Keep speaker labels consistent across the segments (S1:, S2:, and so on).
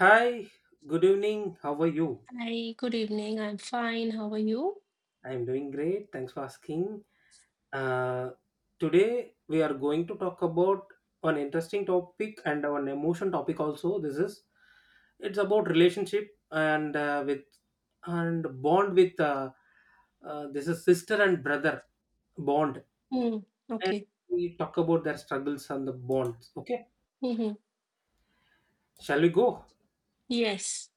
S1: Hi. Good evening. How are you?
S2: Hi, good evening. I'm fine. How are you?
S1: I'm doing great. Thanks for asking. Uh, Today we are going to talk about an interesting topic and an emotion topic also. This is it's about relationship and with and bond with this is sister and brother bond,
S2: Mm,
S1: and
S2: okay.
S1: we talk about their struggles and the bonds. Okay,
S2: Mm-hmm.
S1: shall we go?
S2: Yes.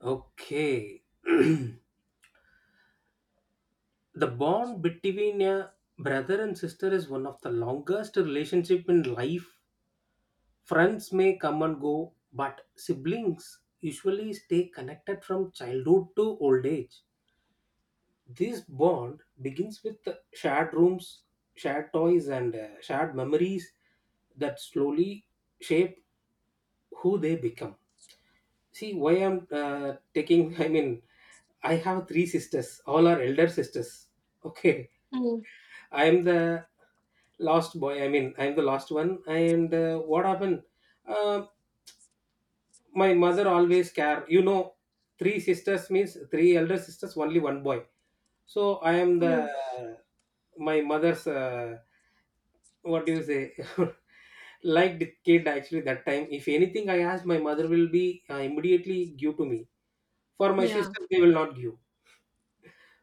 S1: Okay. The bond between a brother and sister is one of the longest relationship in life. Friends may come and go, but siblings usually stay connected from childhood to old age. This bond begins with shared rooms, shared toys, and shared memories that slowly shape who they become. See why I'm taking, I mean, I have three sisters, all are elder sisters. Okay,
S2: Mm,
S1: I am the last boy, I mean I'm the last one, and what happened, uh, my mother always care, you know, three sisters means three elder sisters, only one boy. So I am the,
S2: mm,
S1: my mother's, what do you say, liked kid actually. That time if anything I ask, my mother will be immediately give to me. For my
S2: yeah.
S1: sister they will not give.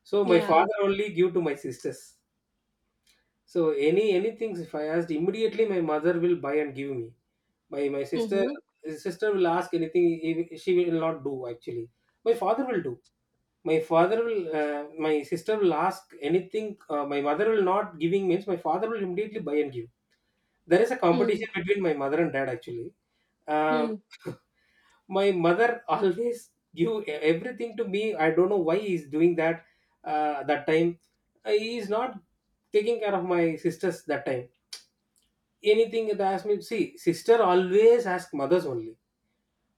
S1: So my
S2: Yeah.
S1: father only give to my sisters. So any anything if I asked immediately, my mother will buy and give me. My sister
S2: Mm-hmm.
S1: sister will ask anything, she will not do actually. My father will do. My father will. My sister will ask anything. My mother will not giving means my father will immediately buy and give. There is a
S2: Mm,
S1: competition between my mother and dad actually. Uh,
S2: mm.
S1: my mother always give everything to me. I don't know why he's doing that. That time he is not taking care of my sisters that time. Anything that asks me, see, sister always ask mothers only,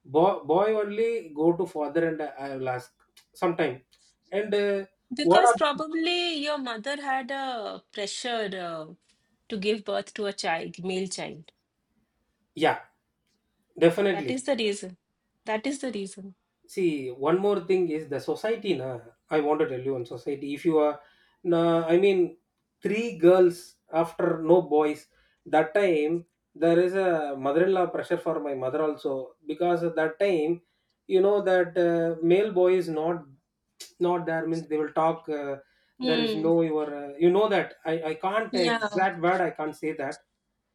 S1: boy, boy only go to father, and I will ask sometime. And what
S2: Because
S1: are,
S2: probably your mother had a pressure to give birth to a child, male child.
S1: yeah,
S2: That is
S1: definitely.
S2: the reason. That is the reason.
S1: See, one more thing is the society. Na, I want to tell you on society. If you are, na, I mean, three girls after no boys, that time there is a mother-in-law pressure for my mother also, because at that time, you know that male boy is not not there means they will talk. There is
S2: Mm,
S1: no your you know that I can't
S2: yeah. Yeah.
S1: exact word I can't say that.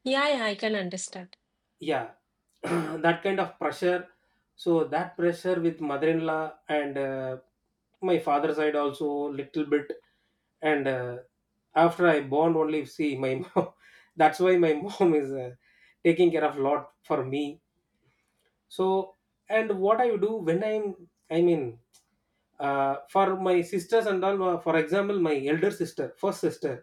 S2: Yeah. I can understand.
S1: Yeah. That kind of pressure. So that pressure with mother-in-law and my father side also little bit. And after I born only see my mom, that's why my mom is taking care of lot for me. So, and what I do when I'm, I mean, for my sisters and all, for example my elder sister, first sister,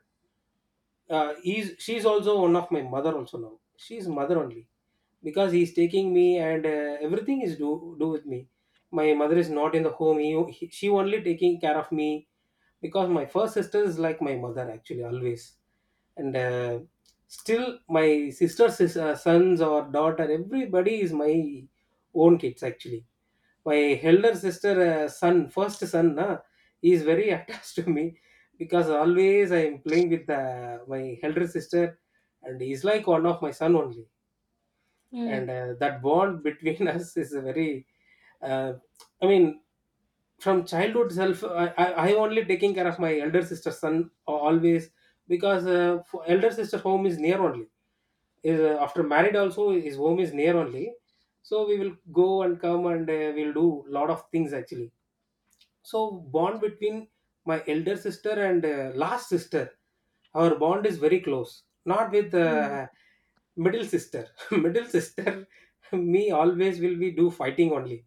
S1: is, she's also one of my mother also, now she's mother only, because he's taking me and everything is do with me. My mother is not in the home, he, she only taking care of me, because my first sister is like my mother actually always. And still my sister's sons or daughter everybody is my own kids actually. My elder sister son, first son na, he is very attached to me, because always I am playing with my elder sister, and he's like one of my son only.
S2: Mm,
S1: And that bond between us is a very, uh, I mean, from childhood self, I only taking care of my elder sister's son always, because for elder sister's home is near only, is after married also his home is near only. So we will go and come and we'll do lot of things actually. So bond between my elder sister and last sister, our bond is very close. Not with
S2: mm,
S1: middle sister. Middle sister, me always will be do fighting only,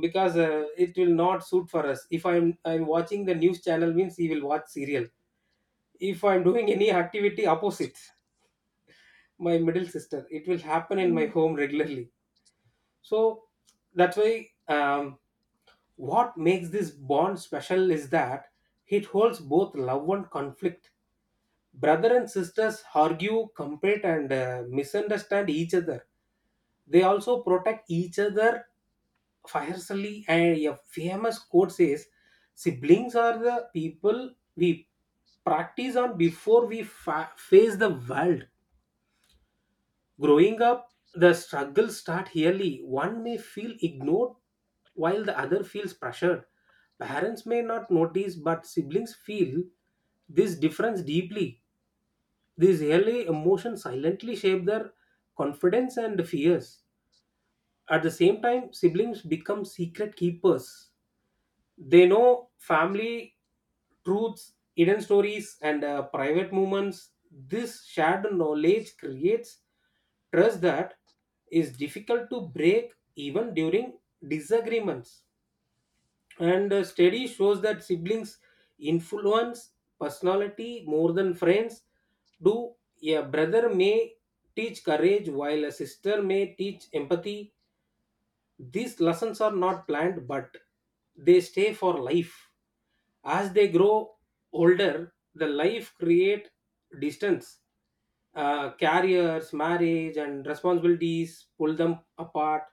S1: because it will not suit for us. If I'm watching the news channel means he will watch serial. If I'm doing any activity opposite my middle sister, it will happen in my
S2: mm.
S1: home regularly. So that's why. What makes this bond special is that it holds both love and conflict. Brother and sisters argue, compete, and misunderstand each other. They also protect each other fiercely. And a famous quote says, "Siblings are the people we practice on before we face the world." Growing up, the struggles start early. One may feel ignored while the other feels pressured. Parents may not notice, but siblings feel this difference deeply. These early emotions silently shape their confidence and fears. At the same time, siblings become secret keepers. They know family truths, hidden stories, and private moments. This shared knowledge creates trust that is difficult to break even during disagreements. And a study shows that siblings influence personality more than friends do. A brother may teach courage while a sister may teach empathy. These lessons are not planned, but they stay for life. As they grow older, the life create distance. Careers, marriage, and responsibilities pull them apart.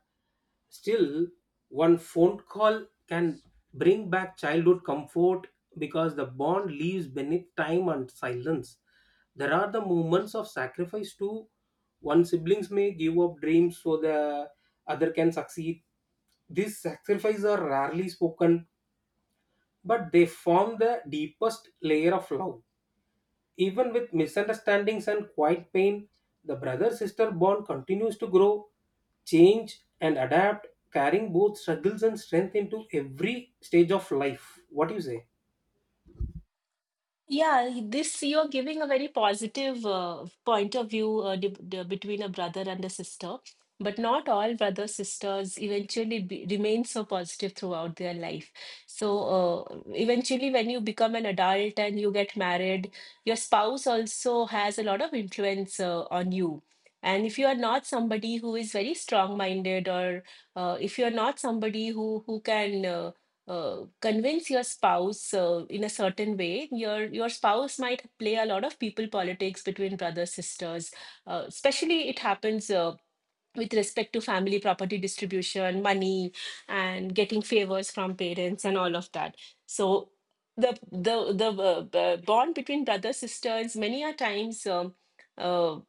S1: Still, one phone call can bring back childhood comfort because the bond leaves beneath time and silence. There are the moments of sacrifice too. One siblings may give up dreams so the other can succeed. These sacrifices are rarely spoken but they form the deepest layer of love. Even with misunderstandings and quiet pain, the brother sister bond continues to grow, change, and adapt, carrying both struggles and strength into every stage of life. What do you say?
S2: Yeah, this you're giving a very positive point of view between a brother and a sister, but not all brother sisters remain so positive throughout their life. So eventually, when you become an adult and you get married, your spouse also has a lot of influence on you. And if you are not somebody who is very strong-minded, or if you're not somebody who can convince your spouse in a certain way, your spouse might play a lot of people politics between brothers sisters, especially it happens with respect to family property distribution, money, and getting favors from parents and all of that. So the bond between brothers sisters many a times uh,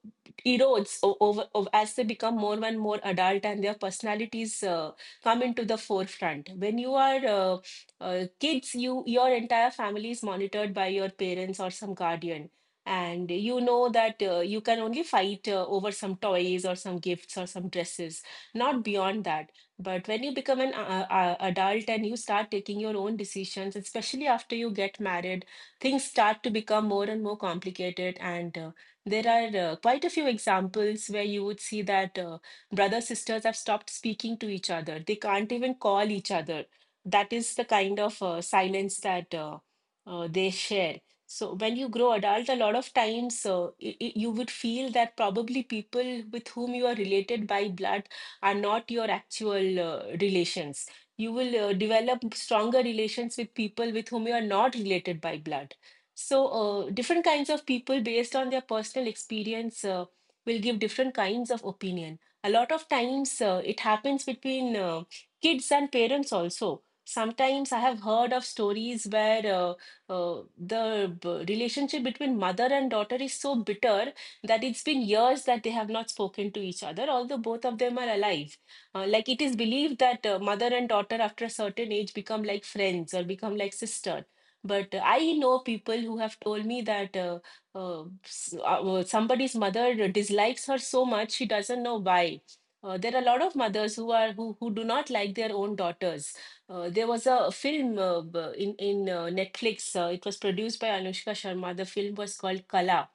S2: erodes over, as they become more and more adult and their personalities come into the forefront. When you are kids, you your entire family is monitored by your parents or some guardian, and you know that you can only fight over some toys or some gifts or some dresses, not beyond that. But when you become an adult and you start taking your own decisions, especially after you get married, things start to become more and more complicated. And there are quite a few examples where you would see that brother sisters have stopped speaking to each other. They can't even call each other. That is the kind of silence that they share. So when you grow adult, a lot of times you would feel that probably people with whom you are related by blood are not your actual relations. You will develop stronger relations with people with whom you are not related by blood. So different kinds of people, based on their personal experience, will give different kinds of opinion. A lot of times it happens between kids and parents also. Sometimes I have heard of stories where uh, the relationship between mother and daughter is so bitter that it's been years that they have not spoken to each other, although both of them are alive. Like it is believed that mother and daughter, after a certain age, become like friends or become like sister. But I know people who have told me that somebody's mother dislikes her so much, she doesn't know why. There are a lot of mothers who are who do not like their own daughters. Uh, there was a film in Netflix. It was produced by Anushka Sharma. The film was called Kala.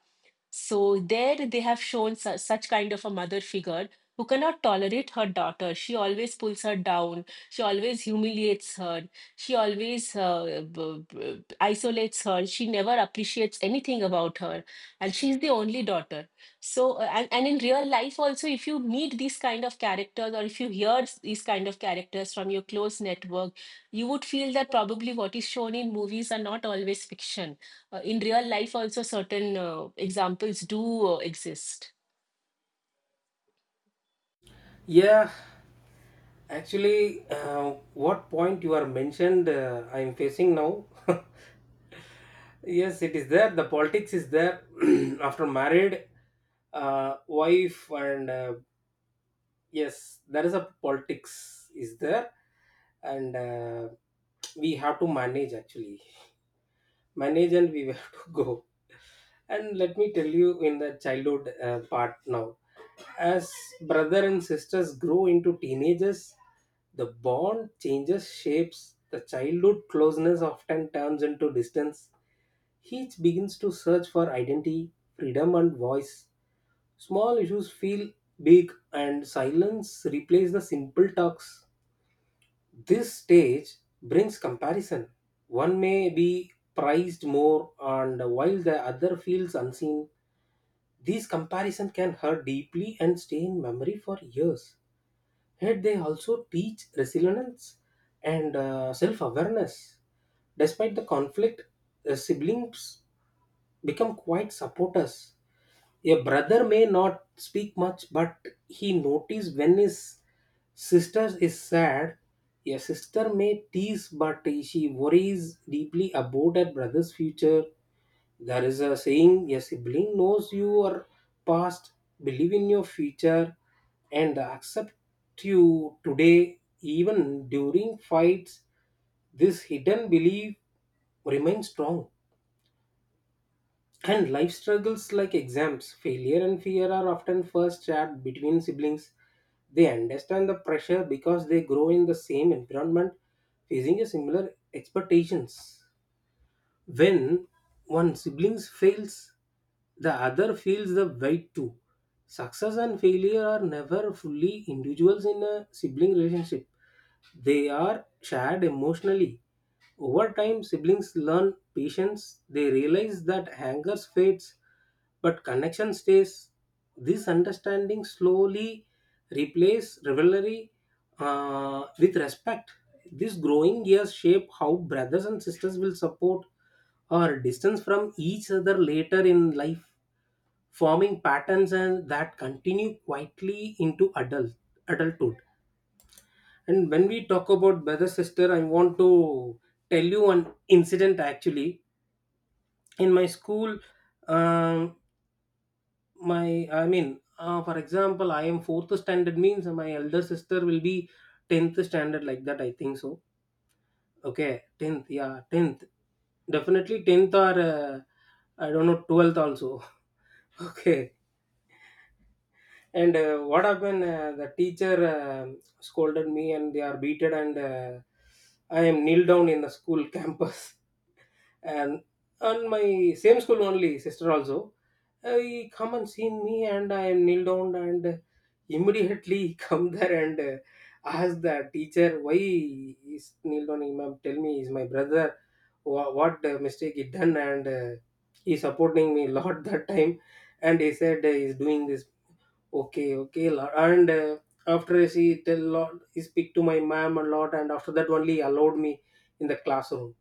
S2: So there they have shown su such kind of a mother figure who cannot tolerate her daughter. She always pulls her down. She always humiliates her. She always isolates her. She never appreciates anything about her. And she's the only daughter. So, and in real life also, if you meet these kind of characters or if you hear these kind of characters from your close network, you would feel that probably what is shown in movies are not always fiction. Uh, in real life also certain examples do exist.
S1: Yeah, actually, what point you are mentioned, I am facing now. Yes, it is there. The politics is there. After married, wife and yes there is a politics is there. And we have to manage actually, manage, and we have to go. And let me tell you in the childhood part now, as brother and sisters grow into teenagers, the bond changes shapes. The childhood closeness often turns into distance. Each begins to search for identity, freedom, and voice. Small issues feel big and silence replaces the simple talks. This stage brings comparison. One may be prized more, and while the other feels unseen, these comparisons can hurt deeply and stay in memory for years. Yet they also teach resilience and self awareness. Despite the conflict, the siblings become quite supporters. A brother may not speak much, but he notices when his sister is sad. A sister may tease, but she worries deeply about her brother's future. There is a saying, a sibling knows your past, believe in your future, and accept you today, even during fights. This hidden belief remains strong. And life struggles like exams, failure, and fear are often first shared between siblings. They understand the pressure because they grow in the same environment, facing a similar expectations. When one sibling fails, the other feels the weight too. Success and failure are never fully individuals in a sibling relationship. They are shared emotionally. Over time, siblings learn patience. They realize that anger fades, but connection stays. This understanding slowly replace rivalry with respect. These growing years shape how brothers and sisters will support or distance from each other later in life, forming patterns and that continue quietly into adulthood. And when we talk about brother sister, I want to tell you one incident actually. In my school, um, my I mean, for example, I am fourth standard means my elder sister will be tenth standard like that. I think so. Okay, tenth, yeah, tenth, definitely tenth or I don't know 12th also. Okay, and what happened? The teacher scolded me, and they are beated, and I am kneel down in the school campus. And on my same school only sister also, he come and seen me and I am kneel down, and immediately he come there and ask the teacher why he's kneel down. He, ma'am tell me is my brother, what mistake he done, and he supporting me lot that time. And he said he's doing this okay okay Lord. And after she tell lot he speak to my ma'am a lot, and after that only he allowed me in the classroom.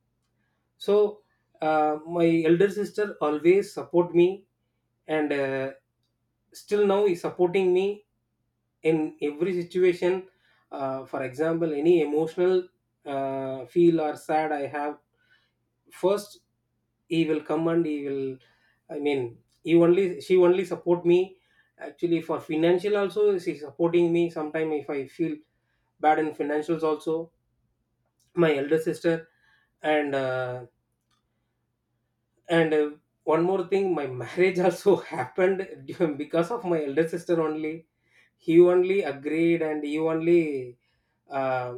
S1: So, my elder sister always support me, and still now is supporting me in every situation. For example, any emotional feel or sad I have, first he will come and he will, I mean, he only, she only support me actually. For financial also she's supporting me sometime if I feel bad in financials also, my elder sister. And And uh, one more thing, my marriage also happened because of my elder sister only. He only agreed, and you only, uh,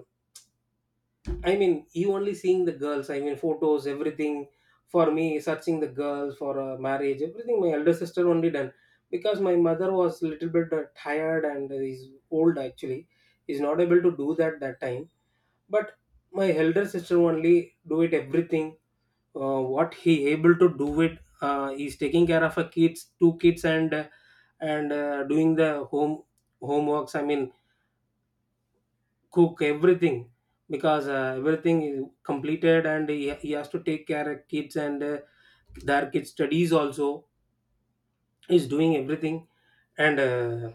S1: I mean, you only seeing the girls. I mean, photos, everything for me, searching the girls for marriage, everything. My elder sister only done because my mother was little bit tired and is old actually, is not able to do that time. But my elder sister only do it everything, what he able to do it, he's taking care of a kids two kids, and doing the home homeworks, I mean, cook everything, because everything is completed and he has to take care of kids and their kids studies also. He's doing everything, and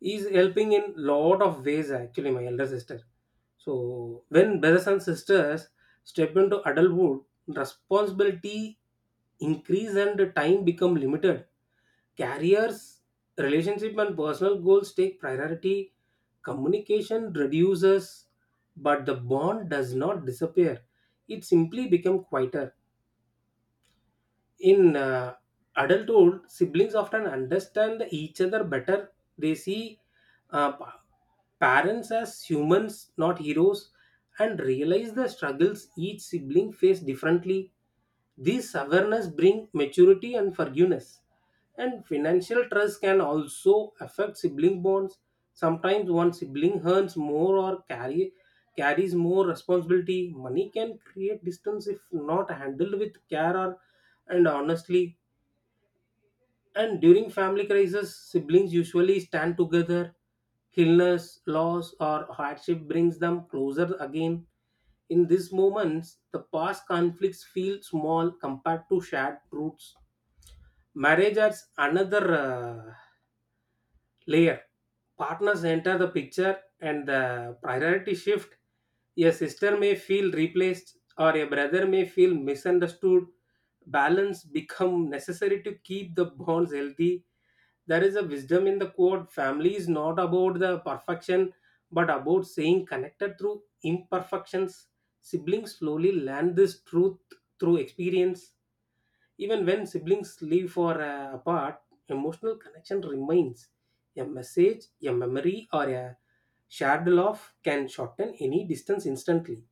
S1: is helping in lot of ways actually, my elder sister. So when brothers and sisters step into adulthood, responsibility increase and time become limited. Careers, relationship, and personal goals take priority. Communication reduces, but the bond does not disappear. It simply become quieter. In adulthood, siblings often understand each other better. They see, uh, pa- parents as humans, not heroes, and realize the struggles each sibling face differently. This awareness brings maturity and forgiveness. And financial trust can also affect sibling bonds. Sometimes one sibling earns more or carry carries more responsibility. Money can create distance if not handled with care or and honestly. And during family crisis, siblings usually stand together. Illness, loss, or hardship brings them closer again. In these moments, the past conflicts feel small compared to shared roots. Marriage adds another layer. Partners enter the picture and the priority shift. A sister may feel replaced or a brother may feel misunderstood. Balance become necessary to keep the bonds healthy. There is a wisdom in the quote, family is not about the perfection, but about staying connected through imperfections. Siblings slowly learn this truth through experience. Even when siblings live for apart, emotional connection remains. A message, a memory, or a shared love can shorten any distance instantly.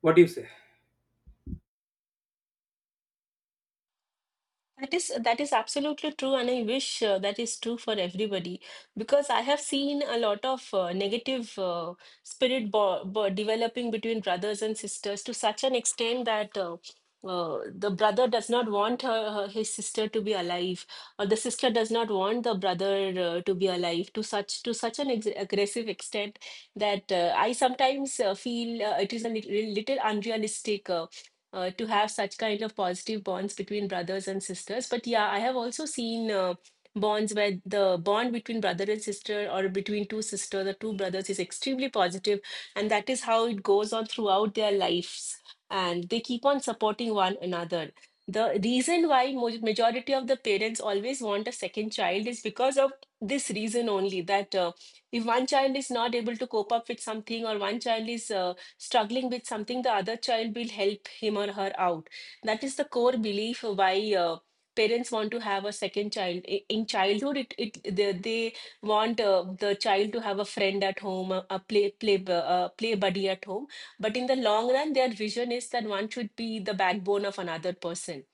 S1: What do you say?
S2: That is absolutely true, and I wish that is true for everybody because I have seen a lot of negative spirit bo bo developing between brothers and sisters to such an extent that uh, the brother does not want her, her his sister to be alive, or the sister does not want the brother to be alive to such, to such an ex aggressive extent that I sometimes feel it is a little unrealistic to have such kind of positive bonds between brothers and sisters. But yeah, I have also seen bonds where the bond between brother and sister or between two sisters or two brothers is extremely positive, and that is how it goes on throughout their lives, and they keep on supporting one another. The reason why majority of the parents always want a second child is because of this reason only, that if one child is not able to cope up with something, or one child is struggling with something, the other child will help him or her out. That is the core belief why parents want to have a second child. In childhood, it they want the child to have a friend at home, a play buddy at home. But in the long run, their vision is that one should be the backbone of another person.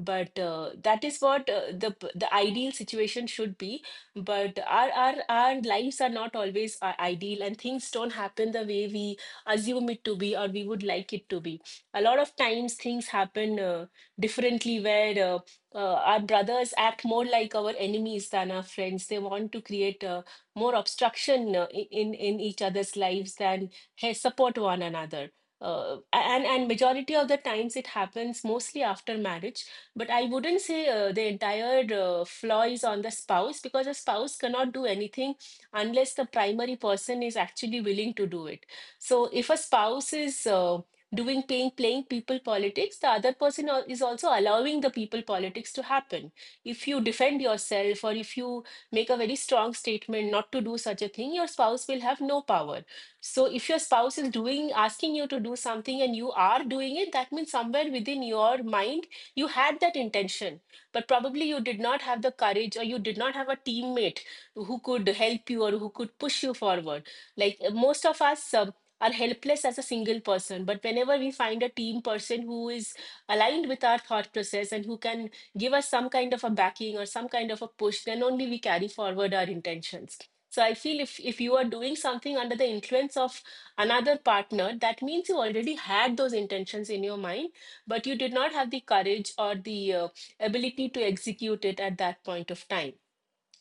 S2: But that is what the ideal situation should be. But our lives are not always ideal, and things don't happen the way we assume it to be or we would like it to be. A lot of times things happen differently where uh, our brothers act more like our enemies than our friends. They want to create more obstruction in each other's lives than hey, support one another. And and majority of the times it happens mostly after marriage, but I wouldn't say the entire flaw is on the spouse, because a spouse cannot do anything unless the primary person is actually willing to do it. So if a spouse is doing playing people politics, the other person is also allowing the people politics to happen. If you defend yourself or if you make a very strong statement not to do such a thing, your spouse will have no power. So if your spouse is doing asking you to do something and you are doing it, that means somewhere within your mind you had that intention, but probably you did not have the courage or you did not have a teammate who could help you or who could push you forward. Like most of us are helpless as a single person. But whenever we find a team person who is aligned with our thought process and who can give us some kind of a backing or some kind of a push, then only we carry forward our intentions. So I feel if you are doing something under the influence of another partner, that means you already had those intentions in your mind, but you did not have the courage or the ability to execute it at that point of time.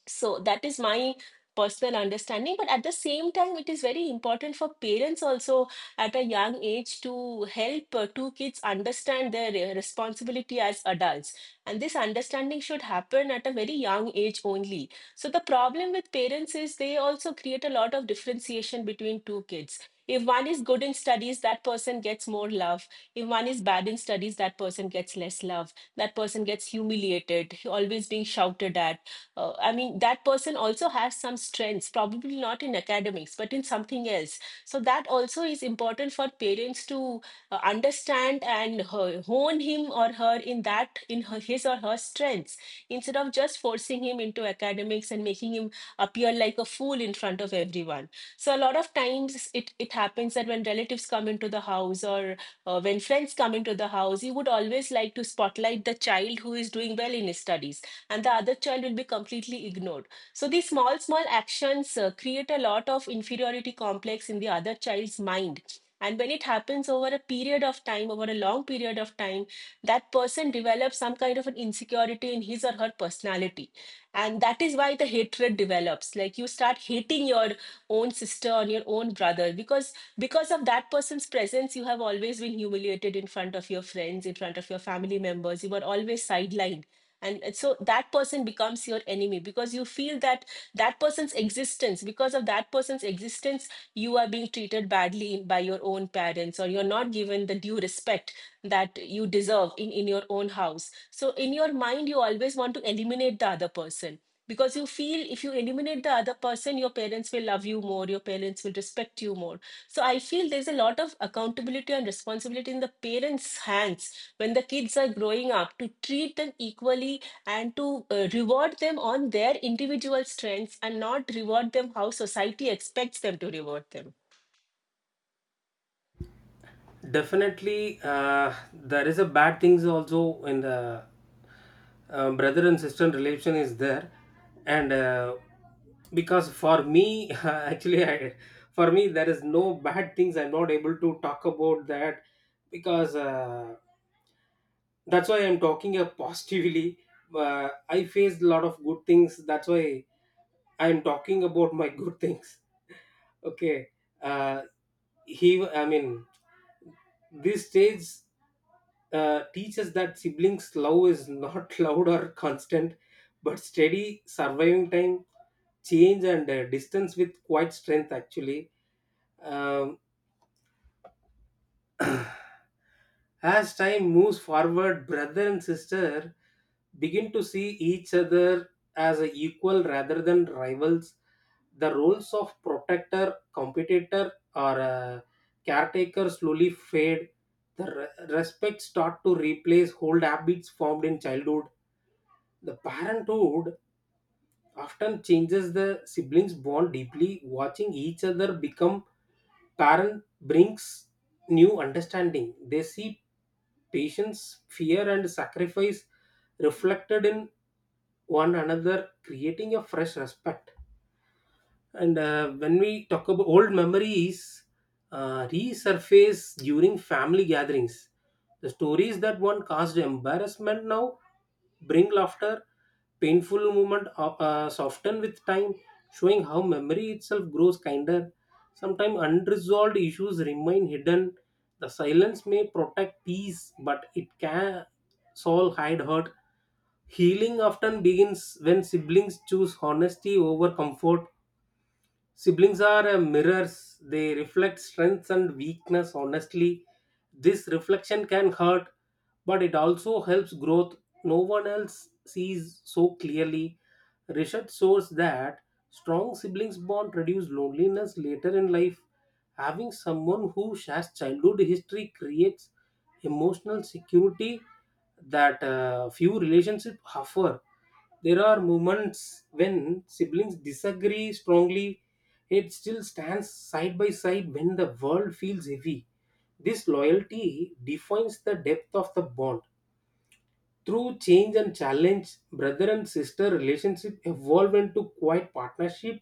S2: So that is my personal understanding. But at the same time, it is very important for parents also at a young age to help two kids understand their responsibility as adults. And this understanding should happen at a very young age only. So the problem with parents is they also create a lot of differentiation between two kids. If one is good in studies, that person gets more love. If one is bad in studies, that person gets less love. That person gets humiliated, always being shouted at. I mean, that person also has some strengths, probably not in academics, but in something else. So that also is important for parents to understand and hone him or her in that, in his or her strengths, instead of just forcing him into academics and making him appear like a fool in front of everyone. So a lot of times it happens that when relatives come into the house or when friends come into the house, he would always like to spotlight the child who is doing well in his studies, and the other child will be completely ignored. So these small small actions create a lot of inferiority complex in the other child's mind. And when it happens over a period of time, over a long period of time, that person develops some kind of an insecurity in his or her personality. And that is why the hatred develops, like you start hating your own sister or your own brother, because of that person's presence you have always been humiliated in front of your friends, in front of your family members, you were always sidelined. And so that person becomes your enemy, because you feel that that person's existence because of that person's existence you are being treated badly by your own parents, or you're not given the due respect that you deserve in your own house. So in your mind you always want to eliminate the other person, because you feel if you eliminate the other person your parents will love you more, your parents will respect you more. So I feel there's a lot of accountability and responsibility in the parents' hands when the kids are growing up, to treat them equally and to reward them on their individual strengths, and not reward them how society expects them to reward them.
S1: Definitely, there is a bad things also in the brother and sister relation is there, and because for me, actually, I, for me there is no bad things. I'm not able to talk about that because. That's why I'm talking positively. I faced a lot of good things, that's why I'm talking about my good things. Okay. uh, he, I mean, this stage teaches that siblings love is not loud or constant, but steady surviving time change and distance with quite strength actually. um, As time moves forward, brother and sister begin to see each other as a equal rather than rivals. The roles of protector, competitor, or caretaker slowly fade. The respect start to replace old habits formed in childhood. The parenthood often changes the siblings bond deeply. Watching each other become parent brings new understanding. They see patience, fear, and sacrifice reflected in one another, creating a fresh respect. And when we talk about old memories, resurface during family gatherings. The stories that one caused embarrassment now bring laughter. Painful moment soften with time, showing how memory itself grows kinder. Sometimes unresolved issues remain hidden. The silence may protect peace, but it can solve hide hurt. Healing often begins when siblings choose honesty over comfort. Siblings are mirrors, they reflect strengths and weakness honestly. This reflection can hurt, but it also helps growth. No one else sees so clearly. Research shows that strong siblings bond reduce loneliness later in life. Having someone who shares childhood history creates emotional security that few relationships offer. There are moments when siblings disagree strongly, it still stands side by side when the world feels heavy. This loyalty defines the depth of the bond. Through change and challenge, brother and sister relationship evolve into quiet partnership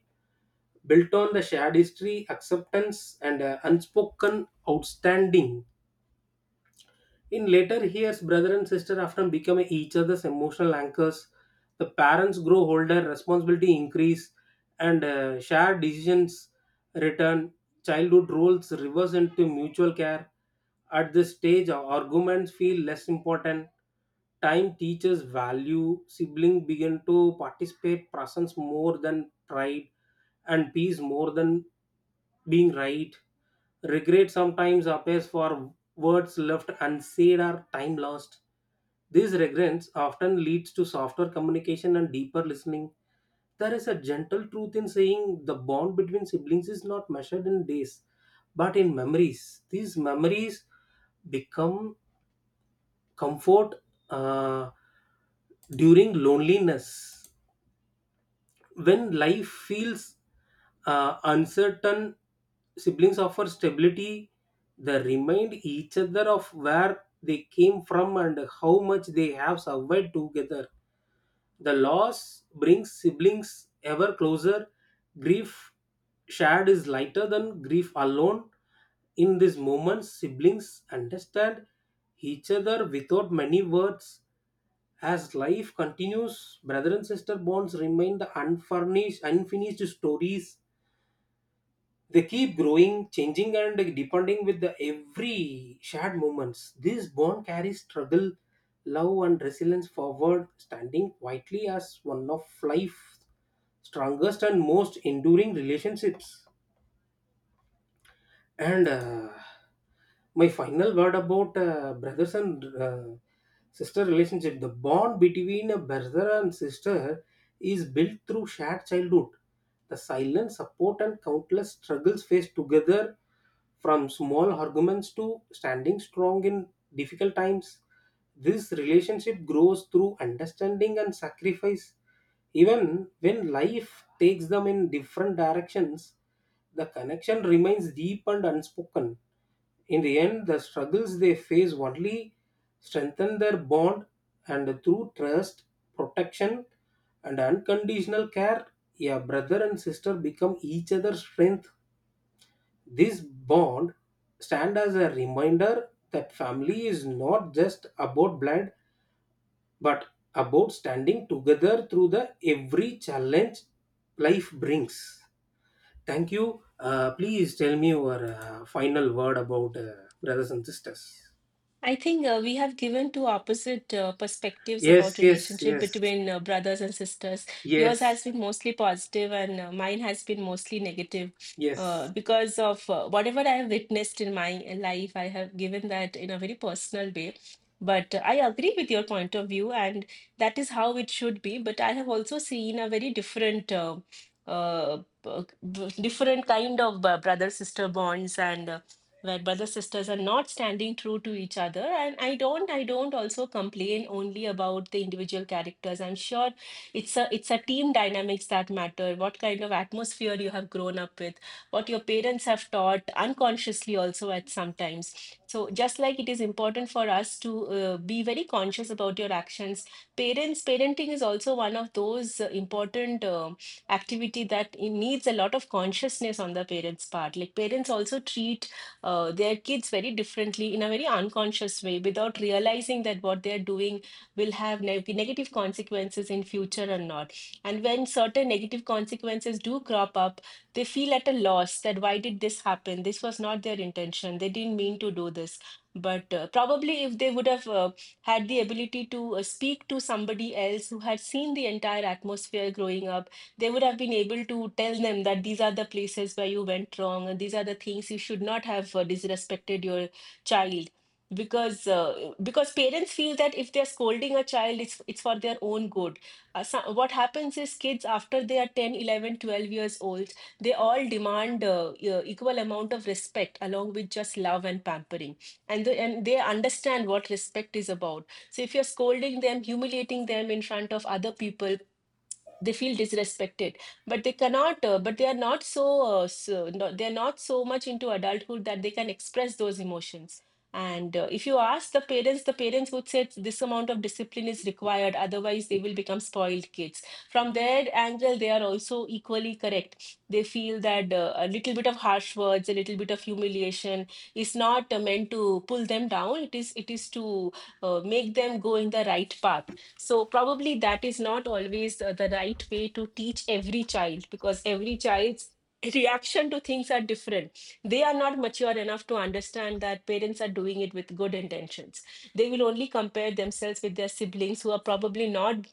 S1: built on the shared history, acceptance, and unspoken outstanding. In later years, brother and sister often become each other's emotional anchors. The parents grow older, responsibility increase, and shared decisions return. Childhood roles reverse into mutual care. At this stage, arguments feel less important. Time teaches value. Siblings begin to participate presence more than pride, and peace more than being right. Regret sometimes appears for words left unsaid are time lost. These regrets often leads to softer communication and deeper listening. There is a gentle truth in saying the bond between siblings is not measured in days, but in memories. These memories become comfort uh, during loneliness. When life feels uncertain, siblings offer stability. They remind each other of where they came from and how much they have survived together. The loss brings siblings ever closer. Grief shared is lighter than grief alone. In this moment, siblings understand each other without many words. As life continues, brother and sister bonds remain the unfurnished, unfinished stories. They keep growing, changing, and depending with the every shared moments. This bond carries struggle, love, and resilience forward, standing quietly as one of life's strongest and most enduring relationships. And my final word about brothers and sister relationship. The bond between a brother and sister is built through shared childhood. The silent support and countless struggles faced together, from small arguments to standing strong in difficult times. This relationship grows through understanding and sacrifice. Even when life takes them in different directions, the connection remains deep and unspoken. In the end, the struggles they face only strengthen their bond, and through trust, protection, and unconditional care, a brother and sister become each other's strength. This bond stand as a reminder that family is not just about blood, but about standing together through the every challenge life brings. Thank you. Please tell me your final word about brothers and sisters.
S2: I think we have given two opposite perspectives about
S1: Yes, yes,
S2: relationship
S1: yes,
S2: between brothers and sisters. Yours
S1: yes,
S2: has been mostly positive, and mine has been mostly negative.
S1: yes.
S2: Because of whatever I have witnessed in my life, I have given that in a very personal way. But I agree with your point of view, and that is how it should be. But I have also seen a very different, uh, b- different kind of brother-sister bonds, and where brothers, sisters are not standing true to each other, and I don't also complain only about the individual characters. I'm sure it's a team dynamics that matter, what kind of atmosphere you have grown up with, what your parents have taught unconsciously also at sometimes. So just like it is important for us to be very conscious about your actions, parents, parenting is also one of those important activity that it needs a lot of consciousness on the parents' part. Like, parents also treat their kids very differently in a very unconscious way, without realizing that what they're doing will have negative consequences in future or not. And when certain negative consequences do crop up, they feel at a loss that why did this happen, this was not their intention, they didn't mean to do this. But probably if they would have had the ability to speak to somebody else who had seen the entire atmosphere growing up, they would have been able to tell them that these are the places where you went wrong, and these are the things you should not have disrespected your child. Because parents feel that if they're scolding a child, it's for their own good. What happens is, kids after they are 10, 11, 12 years old, they all demand equal amount of respect along with just love and pampering. And and they understand what respect is about. So if you're scolding them, humiliating them in front of other people, they feel disrespected. But they cannot, but they are not so, no, they're not so much into adulthood that they can express those emotions. And if you ask the parents, the parents would say this amount of discipline is required, otherwise they will become spoiled kids. From their angle they are also equally correct. They feel that a little bit of harsh words, a little bit of humiliation, is not meant to pull them down. It is to make them go in the right path. So probably that is not always the right way to teach every child, because every child's reaction to things are different. They are not mature enough to understand that parents are doing it with good intentions. They will only compare themselves with their siblings who are probably not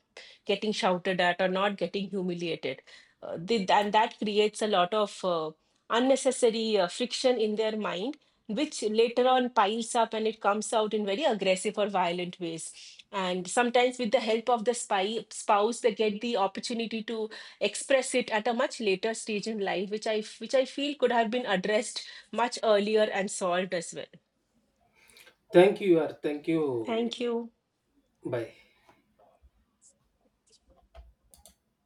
S2: getting shouted at or not getting humiliated. And that creates a lot of unnecessary friction in their mind, which later on piles up and it comes out in very aggressive or violent ways. And sometimes, with the help of the spouse, they get the opportunity to express it at a much later stage in life, which I feel could have been addressed much earlier and solved as well.
S1: Thank you. Or thank you.
S2: Thank you.
S1: Bye.